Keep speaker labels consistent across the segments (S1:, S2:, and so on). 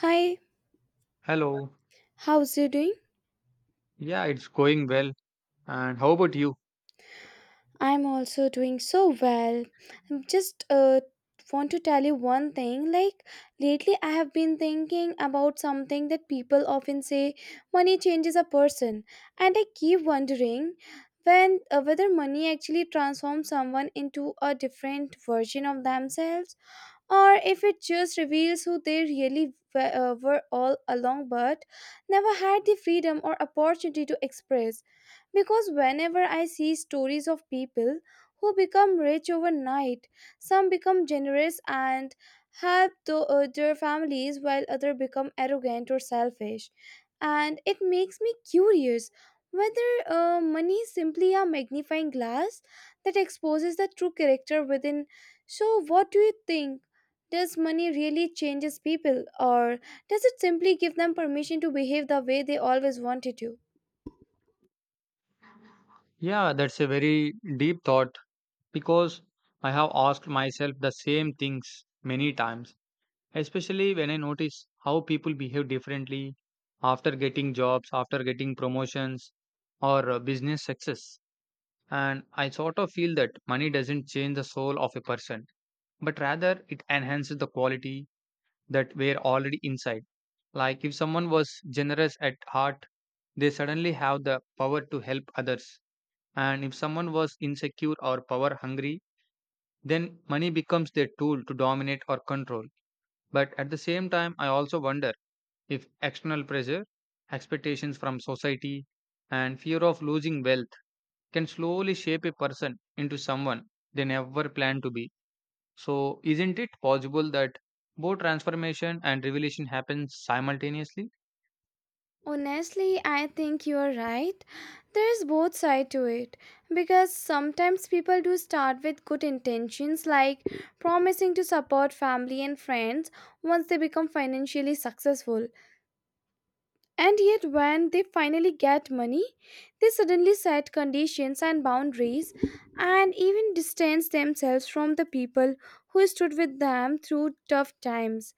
S1: Hi,
S2: Hello.
S1: how's you doing?
S2: Yeah, it's going well. And how about you?
S1: I'm also doing so well. Just want to tell you one thing. Like lately I have been thinking about something that people often say money changes a person, and I keep wondering when whether money actually transforms someone into a different version of themselves, or if it just reveals who they really were all along but never had the freedom or opportunity to express. Because whenever I see stories of people who become rich overnight, some become generous and help their families while others become arrogant or selfish. And it makes me curious whether money is simply a magnifying glass that exposes the true character within. So, what do you think? Does money really changes people, or does it simply give them permission to behave the way they always wanted to?
S2: Yeah, that's a very deep thought because I have asked myself the same things many times, especially when I notice how people behave differently after getting jobs, after getting promotions, or business success. And I sort of feel that money doesn't change the soul of a person, but rather it enhances the quality that we're already inside. Like if someone was generous at heart, they suddenly have the power to help others. And if someone was insecure or power hungry, then money becomes their tool to dominate or control. But at the same time, I also wonder if external pressure, expectations from society, and fear of losing wealth can slowly shape a person into someone they never planned to be. So, isn't it possible that both transformation and revelation happen simultaneously?
S1: Honestly, I think you're right. There's both side to it because sometimes people do start with good intentions, like promising to support family and friends once they become financially successful. And yet when they finally get money, they suddenly set conditions and boundaries and even distance themselves from the people who stood with them through tough times.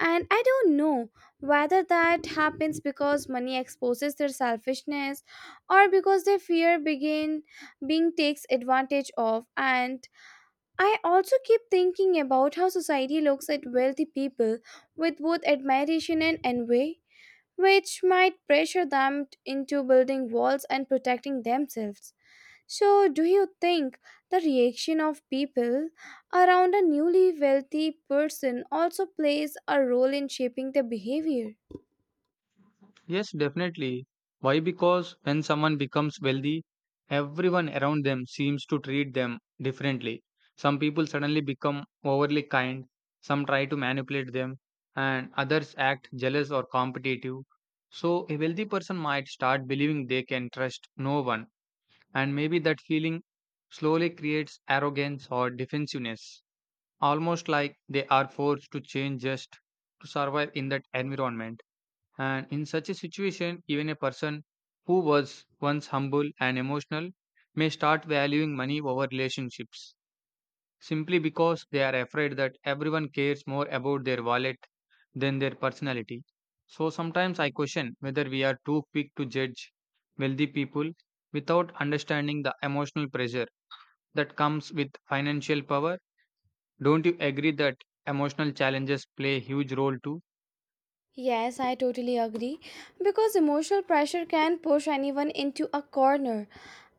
S1: And I don't know whether that happens because money exposes their selfishness or because they fear begin being takes advantage of. And I also keep thinking about how society looks at wealthy people with both admiration and envy, which might pressure them into building walls and protecting themselves. So, do you think the reaction of people around a newly wealthy person also plays a role in shaping their behavior?
S2: Yes, definitely. Why? Because when someone becomes wealthy, everyone around them seems to treat them differently. Some people suddenly become overly kind, some try to manipulate them, and others act jealous or competitive. So, a wealthy person might start believing they can trust no one, and maybe that feeling slowly creates arrogance or defensiveness, almost like they are forced to change just to survive in that environment. And in such a situation, even a person who was once humble and emotional may start valuing money over relationships simply because they are afraid that everyone cares more about their wallet than their personality. So sometimes I question whether we are too quick to judge wealthy people without understanding the emotional pressure that comes with financial power. Don't you agree that emotional challenges play a huge role too?
S1: Yes, I totally agree. Because emotional pressure can push anyone into a corner,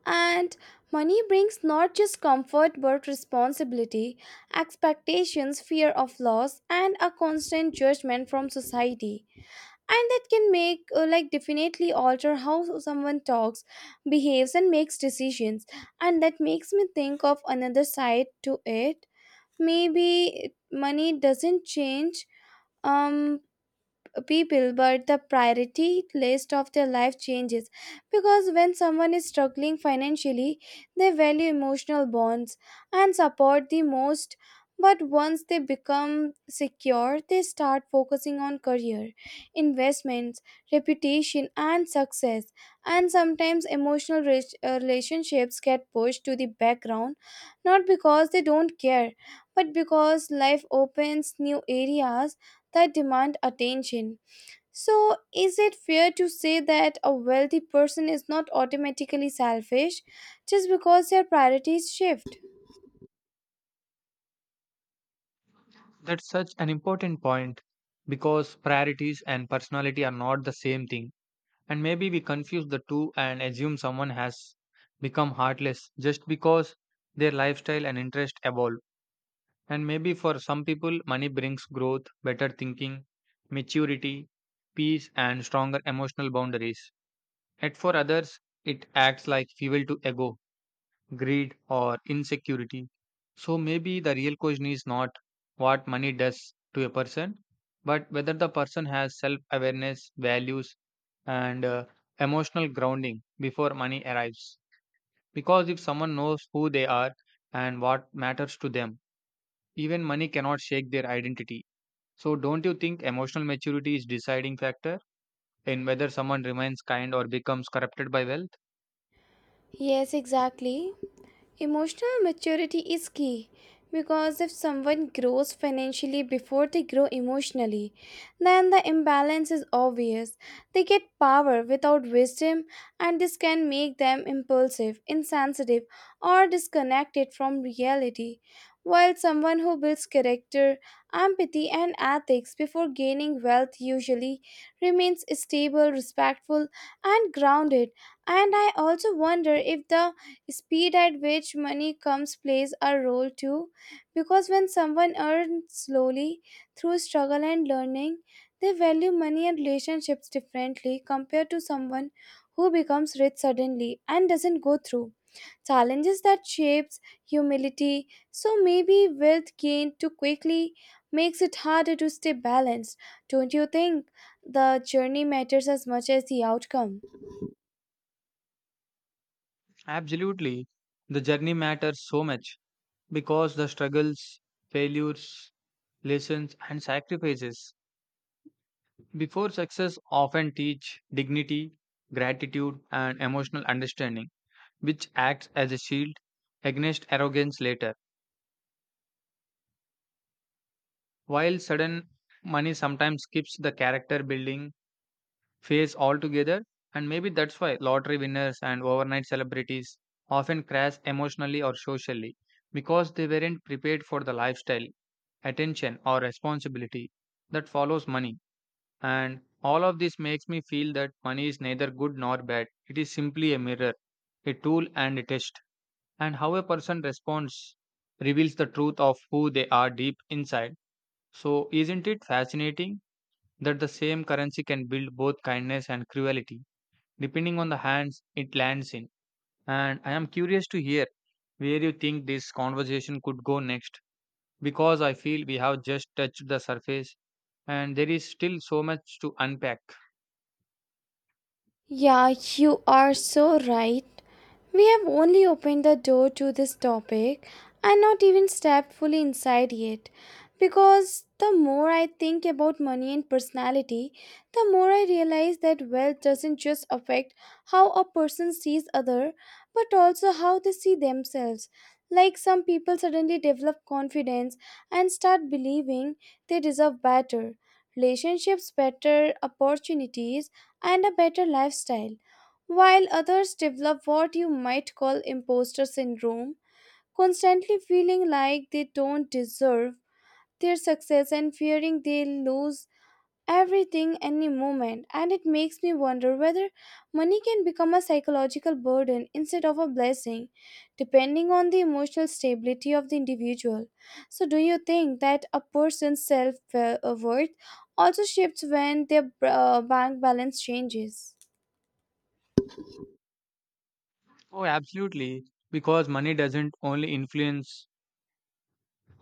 S1: and money brings not just comfort but responsibility, expectations, fear of loss, and a constant judgment from society. And that can make, like, definitely alter how someone talks, behaves, and makes decisions. And that makes me think of another side to it. Maybe money doesn't change um people, but the priority list of their life changes because when someone is struggling financially they value emotional bonds and support the most, but once they become secure they start focusing on career, investments, reputation and success, and sometimes emotional relationships get pushed to the background, not because they don't care but because life opens new areas that demand attention. So, is it fair to say that a wealthy person is not automatically selfish just because their priorities shift?
S2: That's such an important point because priorities and personality are not the same thing. And maybe we confuse the two and assume someone has become heartless just because their lifestyle and interest evolve. And maybe for some people, money brings growth, better thinking, maturity, peace, and stronger emotional boundaries. Yet for others, it acts like fuel to ego greed, or insecurity. So maybe the real question is not what money does to a person, but whether the person has self awareness, values, and emotional grounding before money arrives. Because if someone knows who they are and what matters to them, even money cannot shake their identity. So don't you think emotional maturity is deciding factor in whether someone remains kind or becomes corrupted by wealth?
S1: Yes, exactly. Emotional maturity is key because if someone grows financially before they grow emotionally, then the imbalance is obvious. They get power without wisdom, and this can make them impulsive, insensitive, or disconnected from reality. While someone who builds character, empathy, and ethics before gaining wealth usually remains stable, respectful, and grounded. And I also wonder if the speed at which money comes plays a role too, because when someone earns slowly through struggle and learning, they value money and relationships differently compared to someone who becomes rich suddenly and doesn't go through challenges that shapes humility. So maybe wealth gained too quickly makes it harder to stay balanced. Don't you think the journey matters as much as the outcome?
S2: Absolutely. The journey matters so much, because the struggles, failures, lessons, and sacrifices before success often teach dignity, gratitude, and emotional understanding, which acts as a shield against arrogance later. While sudden money sometimes skips the character building phase altogether, and maybe that's why lottery winners and overnight celebrities often crash emotionally or socially because they weren't prepared for the lifestyle, attention, or responsibility that follows money. And all of this makes me feel that money is neither good nor bad. It is simply a mirror, a tool, and a test. And how a person responds reveals the truth of who they are deep inside. So, isn't it fascinating that the same currency can build both kindness and cruelty, depending on the hands it lands in? And I am curious to hear where you think this conversation could go next, because I feel we have just touched the surface and there is still so much to unpack.
S1: Yeah, you are so right. We have only opened the door to this topic and not even stepped fully inside yet. Because the more I think about money and personality, the more I realize that wealth doesn't just affect how a person sees other, but also how they see themselves. Like some people suddenly develop confidence and start believing they deserve better relationships, better opportunities and a better lifestyle, while others develop what you might call imposter syndrome, constantly feeling like they don't deserve their success and fearing they'll lose everything any moment. And it makes me wonder whether money can become a psychological burden instead of a blessing, depending on the emotional stability of the individual. So, do you think that a person's self worth also shifts when their bank balance changes?
S2: Oh, absolutely. Because money doesn't only influence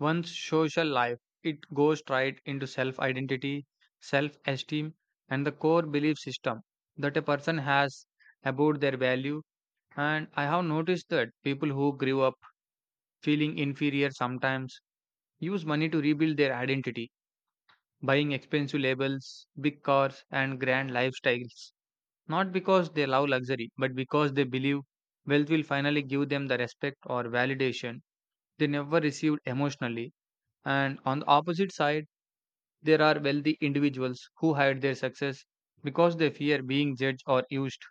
S2: one's social life, it goes right into self identity, self esteem, and the core belief system that a person has about their value. And I have noticed that people who grew up feeling inferior sometimes use money to rebuild their identity, buying expensive labels, big cars, and grand lifestyles. Not because they love luxury, but because they believe wealth will finally give them the respect or validation they never received emotionally. And on the opposite side, there are wealthy individuals who hide their success because they fear being judged or used,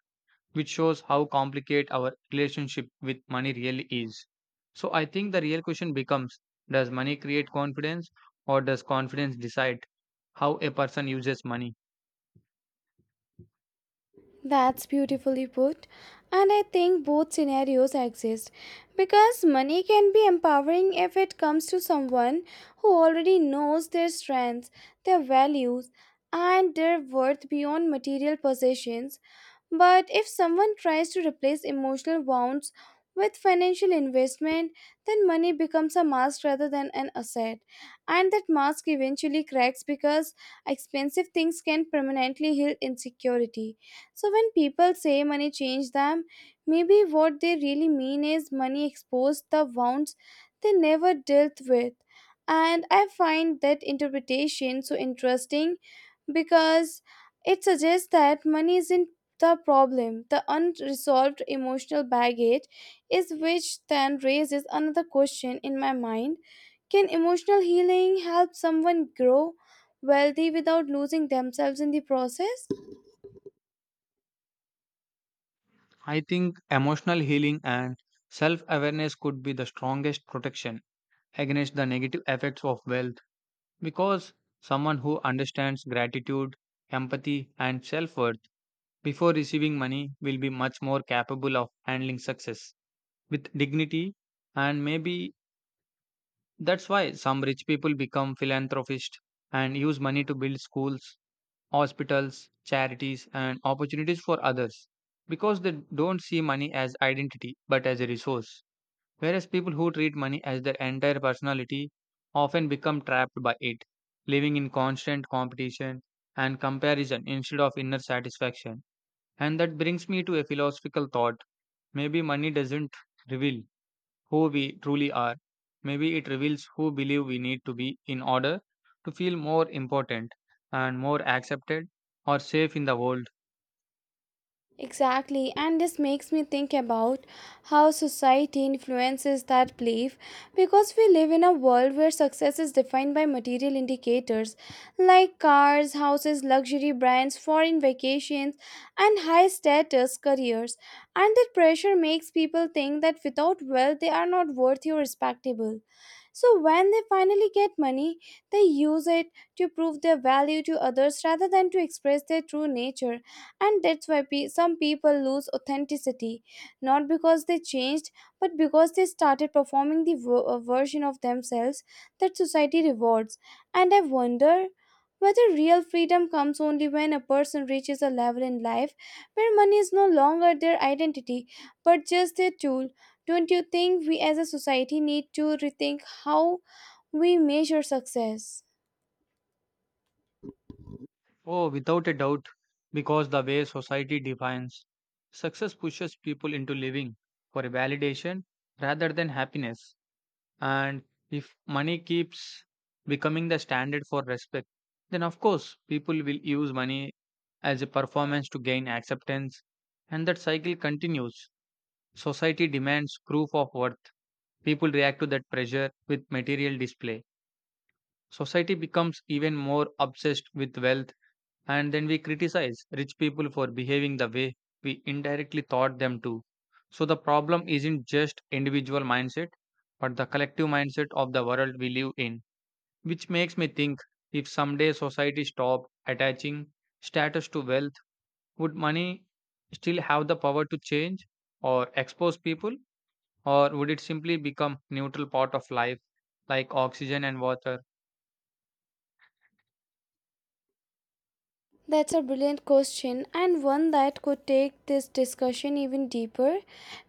S2: which shows how complicated our relationship with money really is. So I think the real question becomes, does money create confidence or does confidence decide how a person uses money?
S1: That's beautifully put. And I think both scenarios exist because money can be empowering if it comes to someone who already knows their strengths, their values, and their worth beyond material possessions, but if someone tries to replace emotional wounds with financial investment, then money becomes a mask rather than an asset. And that mask eventually cracks because expensive things can permanently heal insecurity. So when people say money changed them, maybe what they really mean is money exposed the wounds they never dealt with. And I find that interpretation so interesting because it suggests that money isn't the problem, the unresolved emotional baggage, is, which then raises another question in my mind. Can emotional healing help someone grow wealthy without losing themselves in the process?
S2: I think emotional healing and self awareness could be the strongest protection against the negative effects of wealth. Because someone who understands gratitude, empathy, and self worth before receiving money will be much more capable of handling success with dignity. And maybe that's why some rich people become philanthropists and use money to build schools, hospitals, charities, and opportunities for others because they don't see money as identity but as a resource. Whereas people who treat money as their entire personality often become trapped by it, living in constant competition and comparison instead of inner satisfaction. And that brings me to a philosophical thought. Maybe money doesn't reveal who we truly are. Maybe it reveals who believe we need to be in order to feel more important and more accepted or safe in the world.
S1: Exactly, and this makes me think about how society influences that belief because we live in a world where success is defined by material indicators like cars, houses, luxury brands, foreign vacations, and high status careers. And that pressure makes people think that without wealth they are not worthy or respectable. So, when they finally get money, they use it to prove their value to others rather than to express their true nature, and that's why some people lose authenticity, not because they changed, but because they started performing the version of themselves that society rewards. And I wonder whether real freedom comes only when a person reaches a level in life where money is no longer their identity, but just their tool. Don't you think we as a society need to rethink how we measure success?
S2: Oh, without a doubt, because the way society defines success pushes people into living for a validation rather than happiness. And if money keeps becoming the standard for respect, then of course people will use money as a performance to gain acceptance, and that cycle continues. Society demands proof of worth. People react to that pressure with material display. Society becomes even more obsessed with wealth and then we criticize rich people for behaving the way we indirectly taught them to. So the problem isn't just individual mindset, but the collective mindset of the world we live in, which makes me think, if someday society stopped attaching status to wealth, would money still have the power to change or expose people? Or would it simply become neutral part of life like oxygen and water?
S1: That's a brilliant question, and one that could take this discussion even deeper.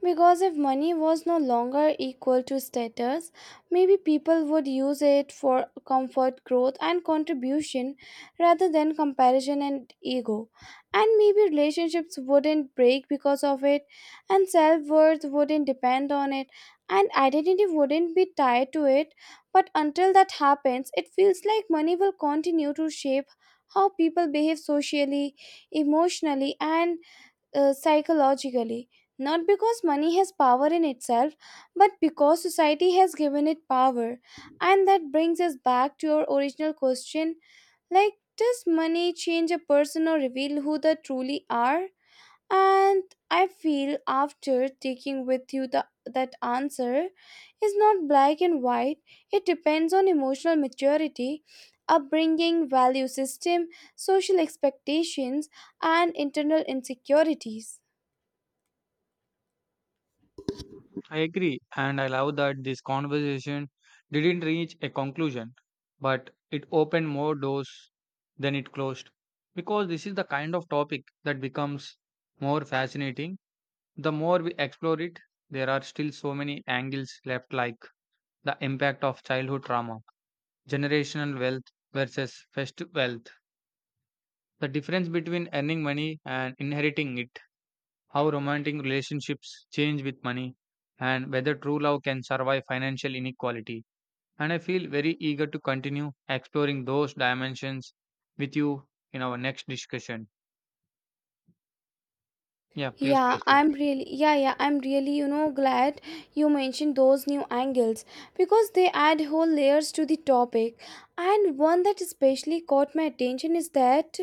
S1: Because if money was no longer equal to status, maybe people would use it for comfort, growth, and contribution rather than comparison and ego. And maybe relationships wouldn't break because of it, and self worth wouldn't depend on it, and identity wouldn't be tied to it. But until that happens, it feels like money will continue to shape how people behave socially, emotionally, and psychologically. Not because money has power in itself, but because society has given it power. And that brings us back to your original question, like, does money change a person or reveal who they truly are? And I feel after taking with you that answer is not black and white, it depends on emotional maturity, upbringing, value system, social expectations, and internal insecurities.
S2: I agree, and I love that this conversation didn't reach a conclusion, but it opened more doors than it closed. Because this is the kind of topic that becomes more fascinating. The more we explore it, there are still so many angles left, like the impact of childhood trauma, generational wealth versus first wealth, the difference between earning money and inheriting it, how romantic relationships change with money, and whether true love can survive financial inequality. And I feel very eager to continue exploring those dimensions with you in our next discussion. Yeah, please proceed.
S1: I'm really, glad you mentioned those new angles because they add whole layers to the topic. And one that especially caught my attention is that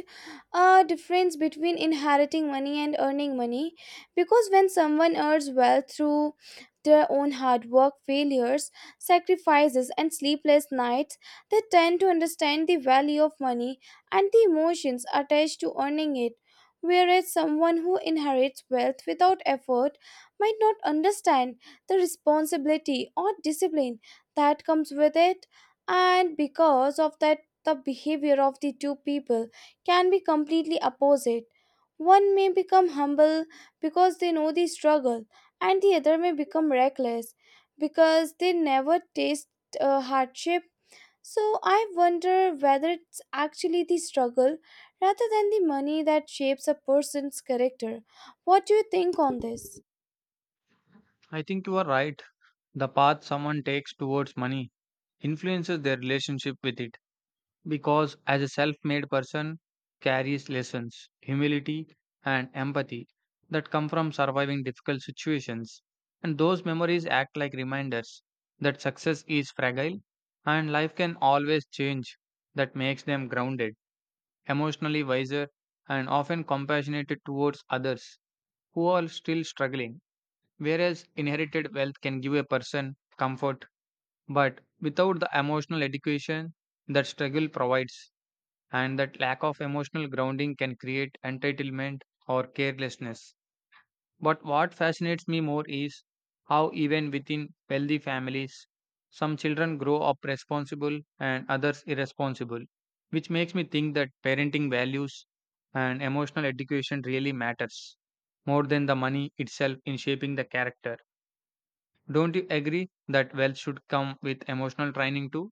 S1: difference between inheriting money and earning money, because when someone earns wealth through their own hard work, failures, sacrifices and sleepless nights, they tend to understand the value of money and the emotions attached to earning it, whereas someone who inherits wealth without effort might not understand the responsibility or discipline that comes with it. And because of that, the behavior of the two people can be completely opposite. One may become humble because they know the struggle, and the other may become reckless because they never taste hardship. So I wonder whether it's actually the struggle rather than the money that shapes a person's character. What do you think on this?
S2: I think you are right. The path someone takes towards money influences their relationship with it, because as a self-made person carries lessons, humility and empathy that come from surviving difficult situations. And those memories act like reminders that success is fragile and life can always change, that makes them grounded, emotionally wiser and often compassionate towards others who are still struggling. Whereas inherited wealth can give a person comfort, but without the emotional education that struggle provides, and that lack of emotional grounding can create entitlement or carelessness. But what fascinates me more is how, even within wealthy families, some children grow up responsible and others irresponsible, which makes me think that parenting values and emotional education really matters more than the money itself in shaping the character. Don't you agree that wealth should come with emotional training too?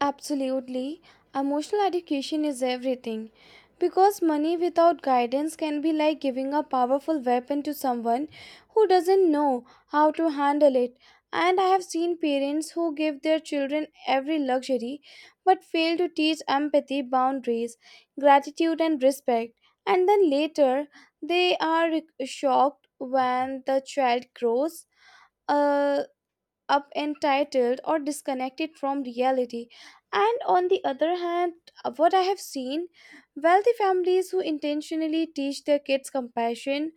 S1: Absolutely. Emotional education is everything. Because money without guidance can be like giving a powerful weapon to someone who doesn't know how to handle it. And I have seen parents who give their children every luxury but fail to teach empathy, boundaries, gratitude, and respect. And then later, they are shocked when the child grows uh, up entitled or disconnected from reality. And on the other hand, what I have seen wealthy families who intentionally teach their kids compassion,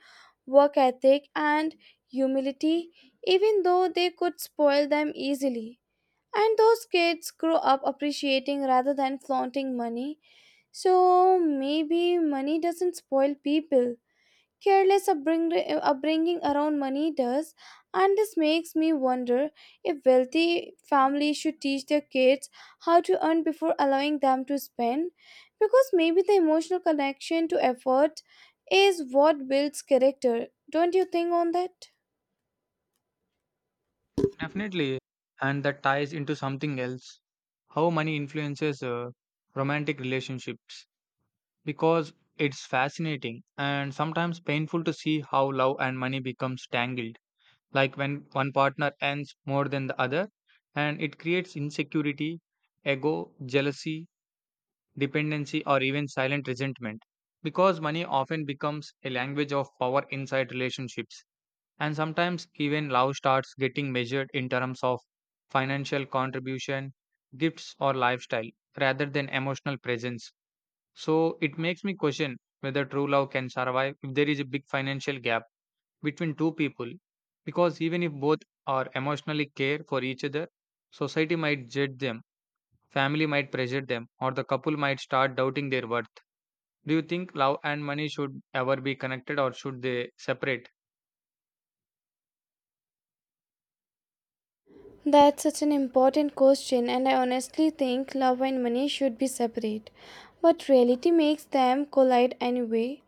S1: work ethic, and humility, even though they could spoil them easily. And those kids grow up appreciating rather than flaunting money. So maybe money doesn't spoil people, careless upbringing around money does, and this makes me wonder if wealthy families should teach their kids how to earn before allowing them to spend, because maybe the emotional connection to effort is what builds character. Don't you think on that?
S2: Definitely. And that ties into something else, how money influences romantic relationships. Because it's fascinating and sometimes painful to see how love and money becomes tangled. Like when one partner earns more than the other, and it creates insecurity, ego, jealousy, dependency, or even silent resentment. Because money often becomes a language of power inside relationships and sometimes even love starts getting measured in terms of financial contribution, gifts, or lifestyle rather than emotional presence. So it makes me question whether true love can survive if there is a big financial gap between two people. Because even if both are emotionally care for each other, society might judge them, family might pressure them, or the couple might start doubting their worth. Do you think love and money should ever be connected or should they separate?
S1: That's such an important question, and I honestly think love and money should be separate. But reality makes them collide anyway.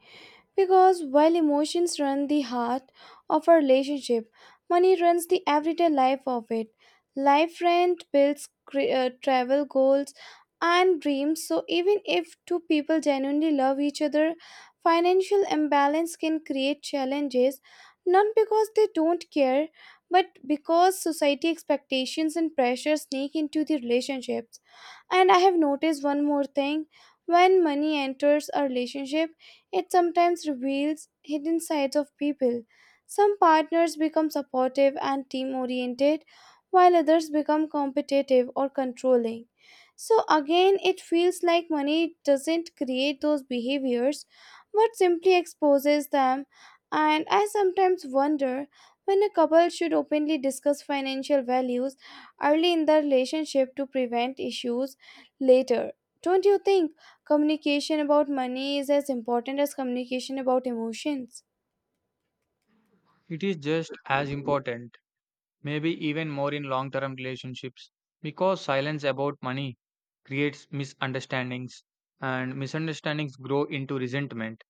S1: Because while emotions run the heart of a relationship, money runs the everyday life of it. Life rent, bills, travel goals, and dreams. So, even if two people genuinely love each other, financial imbalance can create challenges, not because they don't care, but because society expectations and pressure sneak into the relationships. And I have noticed one more thing: when money enters a relationship, it sometimes reveals hidden sides of people. Some partners become supportive and team oriented, while others become competitive or controlling. So, again, it feels like money doesn't create those behaviors but simply exposes them. And I sometimes wonder when a couple should openly discuss financial values early in the relationship to prevent issues later. Don't you think? Communication about money is as important as communication about emotions.
S2: It is just as important maybe even more in long term relationships because silence about money creates misunderstandings and misunderstandings grow into resentment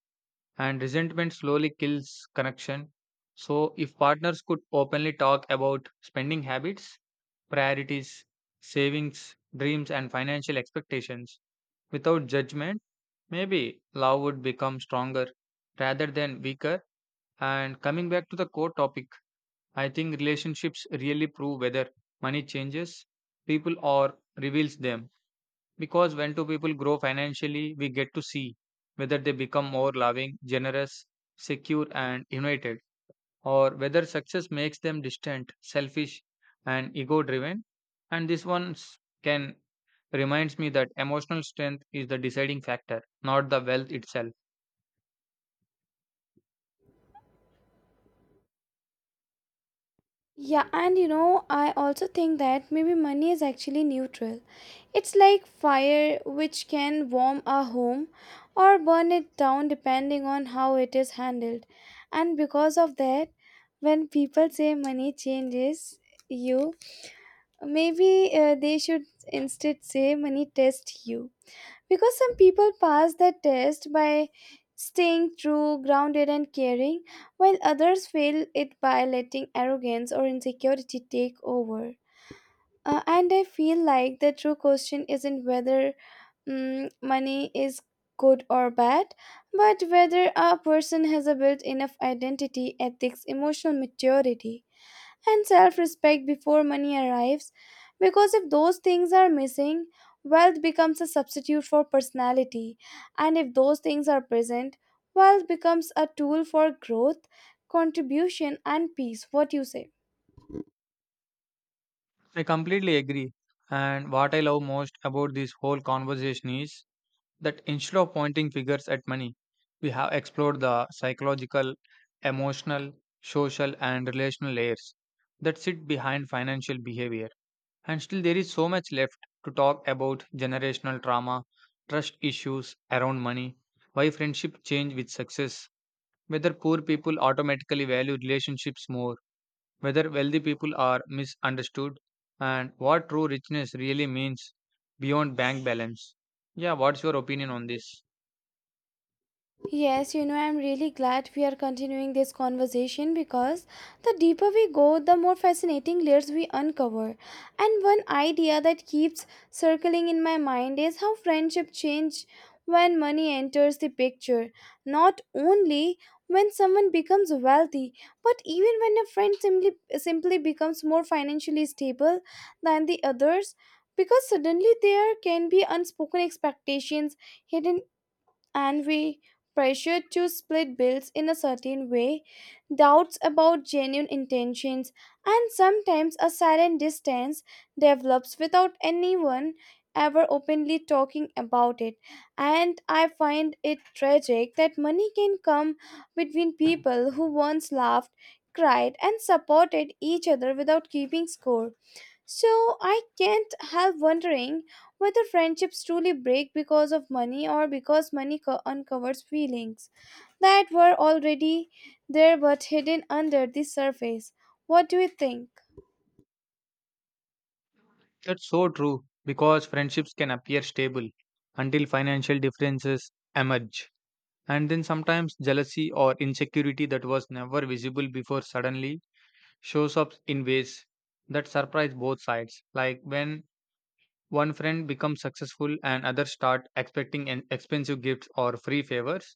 S2: and resentment slowly kills connection, so if partners could openly talk about spending habits, priorities, savings dreams and financial expectations without judgment, maybe love would become stronger rather than weaker. And coming back to the core topic, I think relationships really prove whether money changes people or reveals them. Because when two people grow financially, we get to see whether they become more loving, generous, secure, and united, or whether success makes them distant, selfish, and ego driven. And this one s- can reminds me that emotional strength is the deciding factor, not the wealth itself.
S1: Yeah, and you know, I also think that maybe money is actually neutral. It's like fire which can warm a home or burn it down depending on how it is handled. And because of that, when people say money changes you, maybe they should instead say money tests you. Because some people pass the test by staying true, grounded, and caring, while others fail it by letting arrogance or insecurity take over. And I feel like the true question isn't whether money is good or bad, but whether a person has a built enough identity, ethics, emotional maturity, and self respect before money arrives. Because if those things are missing, wealth becomes a substitute for personality. And if those things are present, wealth becomes a tool for growth, contribution, and peace. What you say?
S2: I completely agree. And what I love most about this whole conversation is that instead of pointing figures at money, we have explored the psychological, emotional, social, and relational layers that sit behind financial behavior. And still, there is so much left to talk about, generational trauma, trust issues around money, why friendship change with success, whether poor people automatically value relationships more, whether wealthy people are misunderstood, and what true richness really means beyond bank balance. Yeah, what's your opinion on this?
S1: Yes, you know, I'm really glad we are continuing this conversation because the deeper we go, the more fascinating layers we uncover. And one idea that keeps circling in my mind is how friendship change when money enters the picture. Not only when someone becomes wealthy, but even when a friend simply becomes more financially stable than the others, because suddenly there can be unspoken expectations hidden and we pressure to split bills in a certain way, doubts about genuine intentions, and sometimes a silent distance develops without anyone ever openly talking about it. And I find it tragic that money can come between people who once laughed, cried, and supported each other without keeping score. So I can't help wondering whether friendships truly break because of money or because uncovers feelings that were already there but hidden under the surface. What do you think?
S2: That's so true because friendships can appear stable until financial differences emerge. And then sometimes jealousy or insecurity that was never visible before suddenly shows up in ways that surprise both sides. Like when one friend becomes successful and others start expecting an expensive gifts or free favors,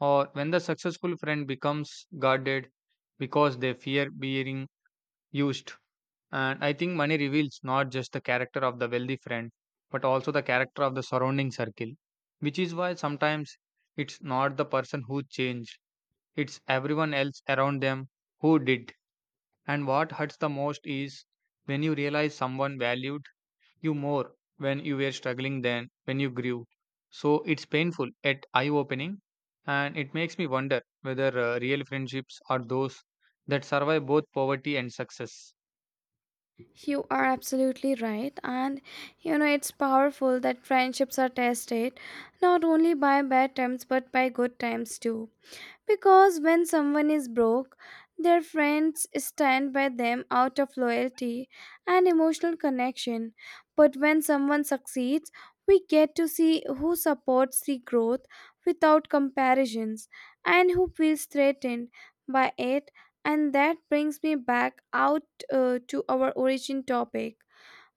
S2: or when the successful friend becomes guarded because they fear being used. And I think money reveals not just the character of the wealthy friend, but also the character of the surrounding circle, which is why sometimes it's not the person who changed, it's everyone else around them who did. And what hurts the most is when you realize someone valued you more when you were struggling than when you grew. So it's painful yet eye opening, and it makes me wonder whether real friendships are those that survive both poverty and success.
S1: You are absolutely right. And you know, it's powerful that friendships are tested not only by bad times but by good times too. Because when someone is broke, their friends stand by them out of loyalty and emotional connection. But when someone succeeds, we get to see who supports the growth without comparisons and who feels threatened by it. And that brings me back out to our origin topic.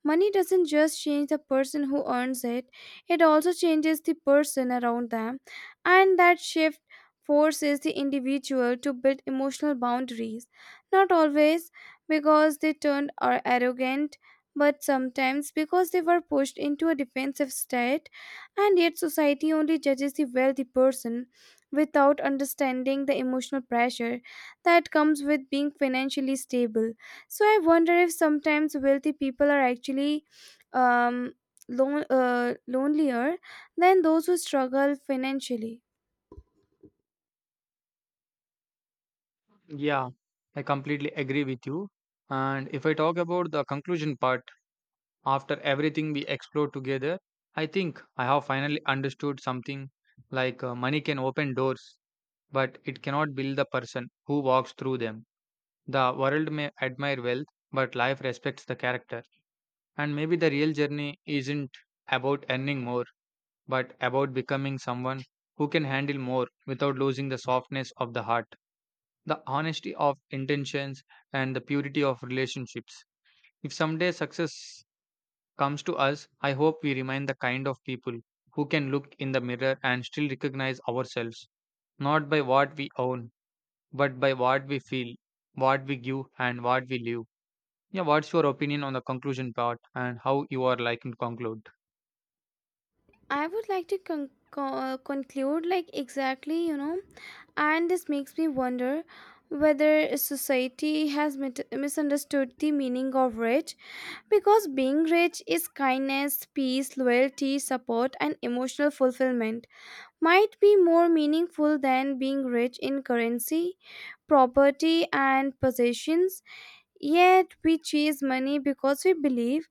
S1: Money doesn't just change the person who earns it, it also changes the person around them, and that shift forces the individual to build emotional boundaries. Not always because they turned are arrogant, but sometimes because they were pushed into a defensive state, and yet society only judges the wealthy person without understanding the emotional pressure that comes with being financially stable. So I wonder if sometimes wealthy people are actually um, lonelier than those who struggle financially.
S2: Yeah, I completely agree with you. And if I talk about the conclusion part, after everything we explored together, I think I have finally understood something, like money can open doors, but it cannot build the person who walks through them. The world may admire wealth, but life respects the character. And maybe the real journey isn't about earning more, but about becoming someone who can handle more without losing the softness of the heart, the honesty of intentions and the purity of relationships. If someday success comes to us, I hope we remain the kind of people who can look in the mirror and still recognize ourselves, not by what we own, but by what we feel, what we give, and what we live. Yeah, what's your opinion on the conclusion part and how you are liking to conclude?
S1: I would like to conclude, like exactly, you know, and this makes me wonder whether society has misunderstood the meaning of rich, because being rich is kindness, peace, loyalty, support, and emotional fulfillment might be more meaningful than being rich in currency, property and possessions, yet we chase money because we believe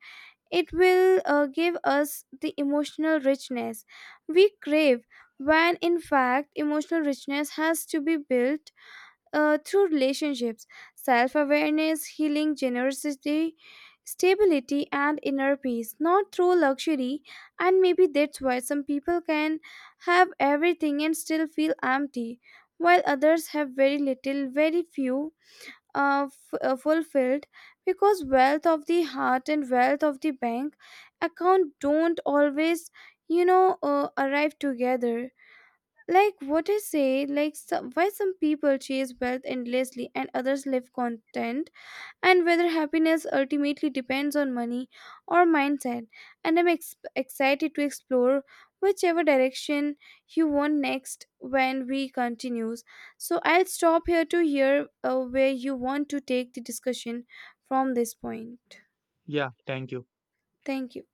S1: it will give us the emotional richness we crave, when in fact, emotional richness has to be built through relationships, self awareness, healing, generosity. Stability and inner peace, not through luxury, and maybe that's why some people can have everything and still feel empty, while others have very little, very few, fulfilled, because wealth of the heart and wealth of the bank account don't always arrive together. Like what I say, like so, why some people chase wealth endlessly and others live content, and whether happiness ultimately depends on money or mindset. And I'm excited to explore whichever direction you want next when we continues. So I'll stop here to hear where you want to take the discussion from this point.
S2: Yeah, thank you.
S1: Thank you.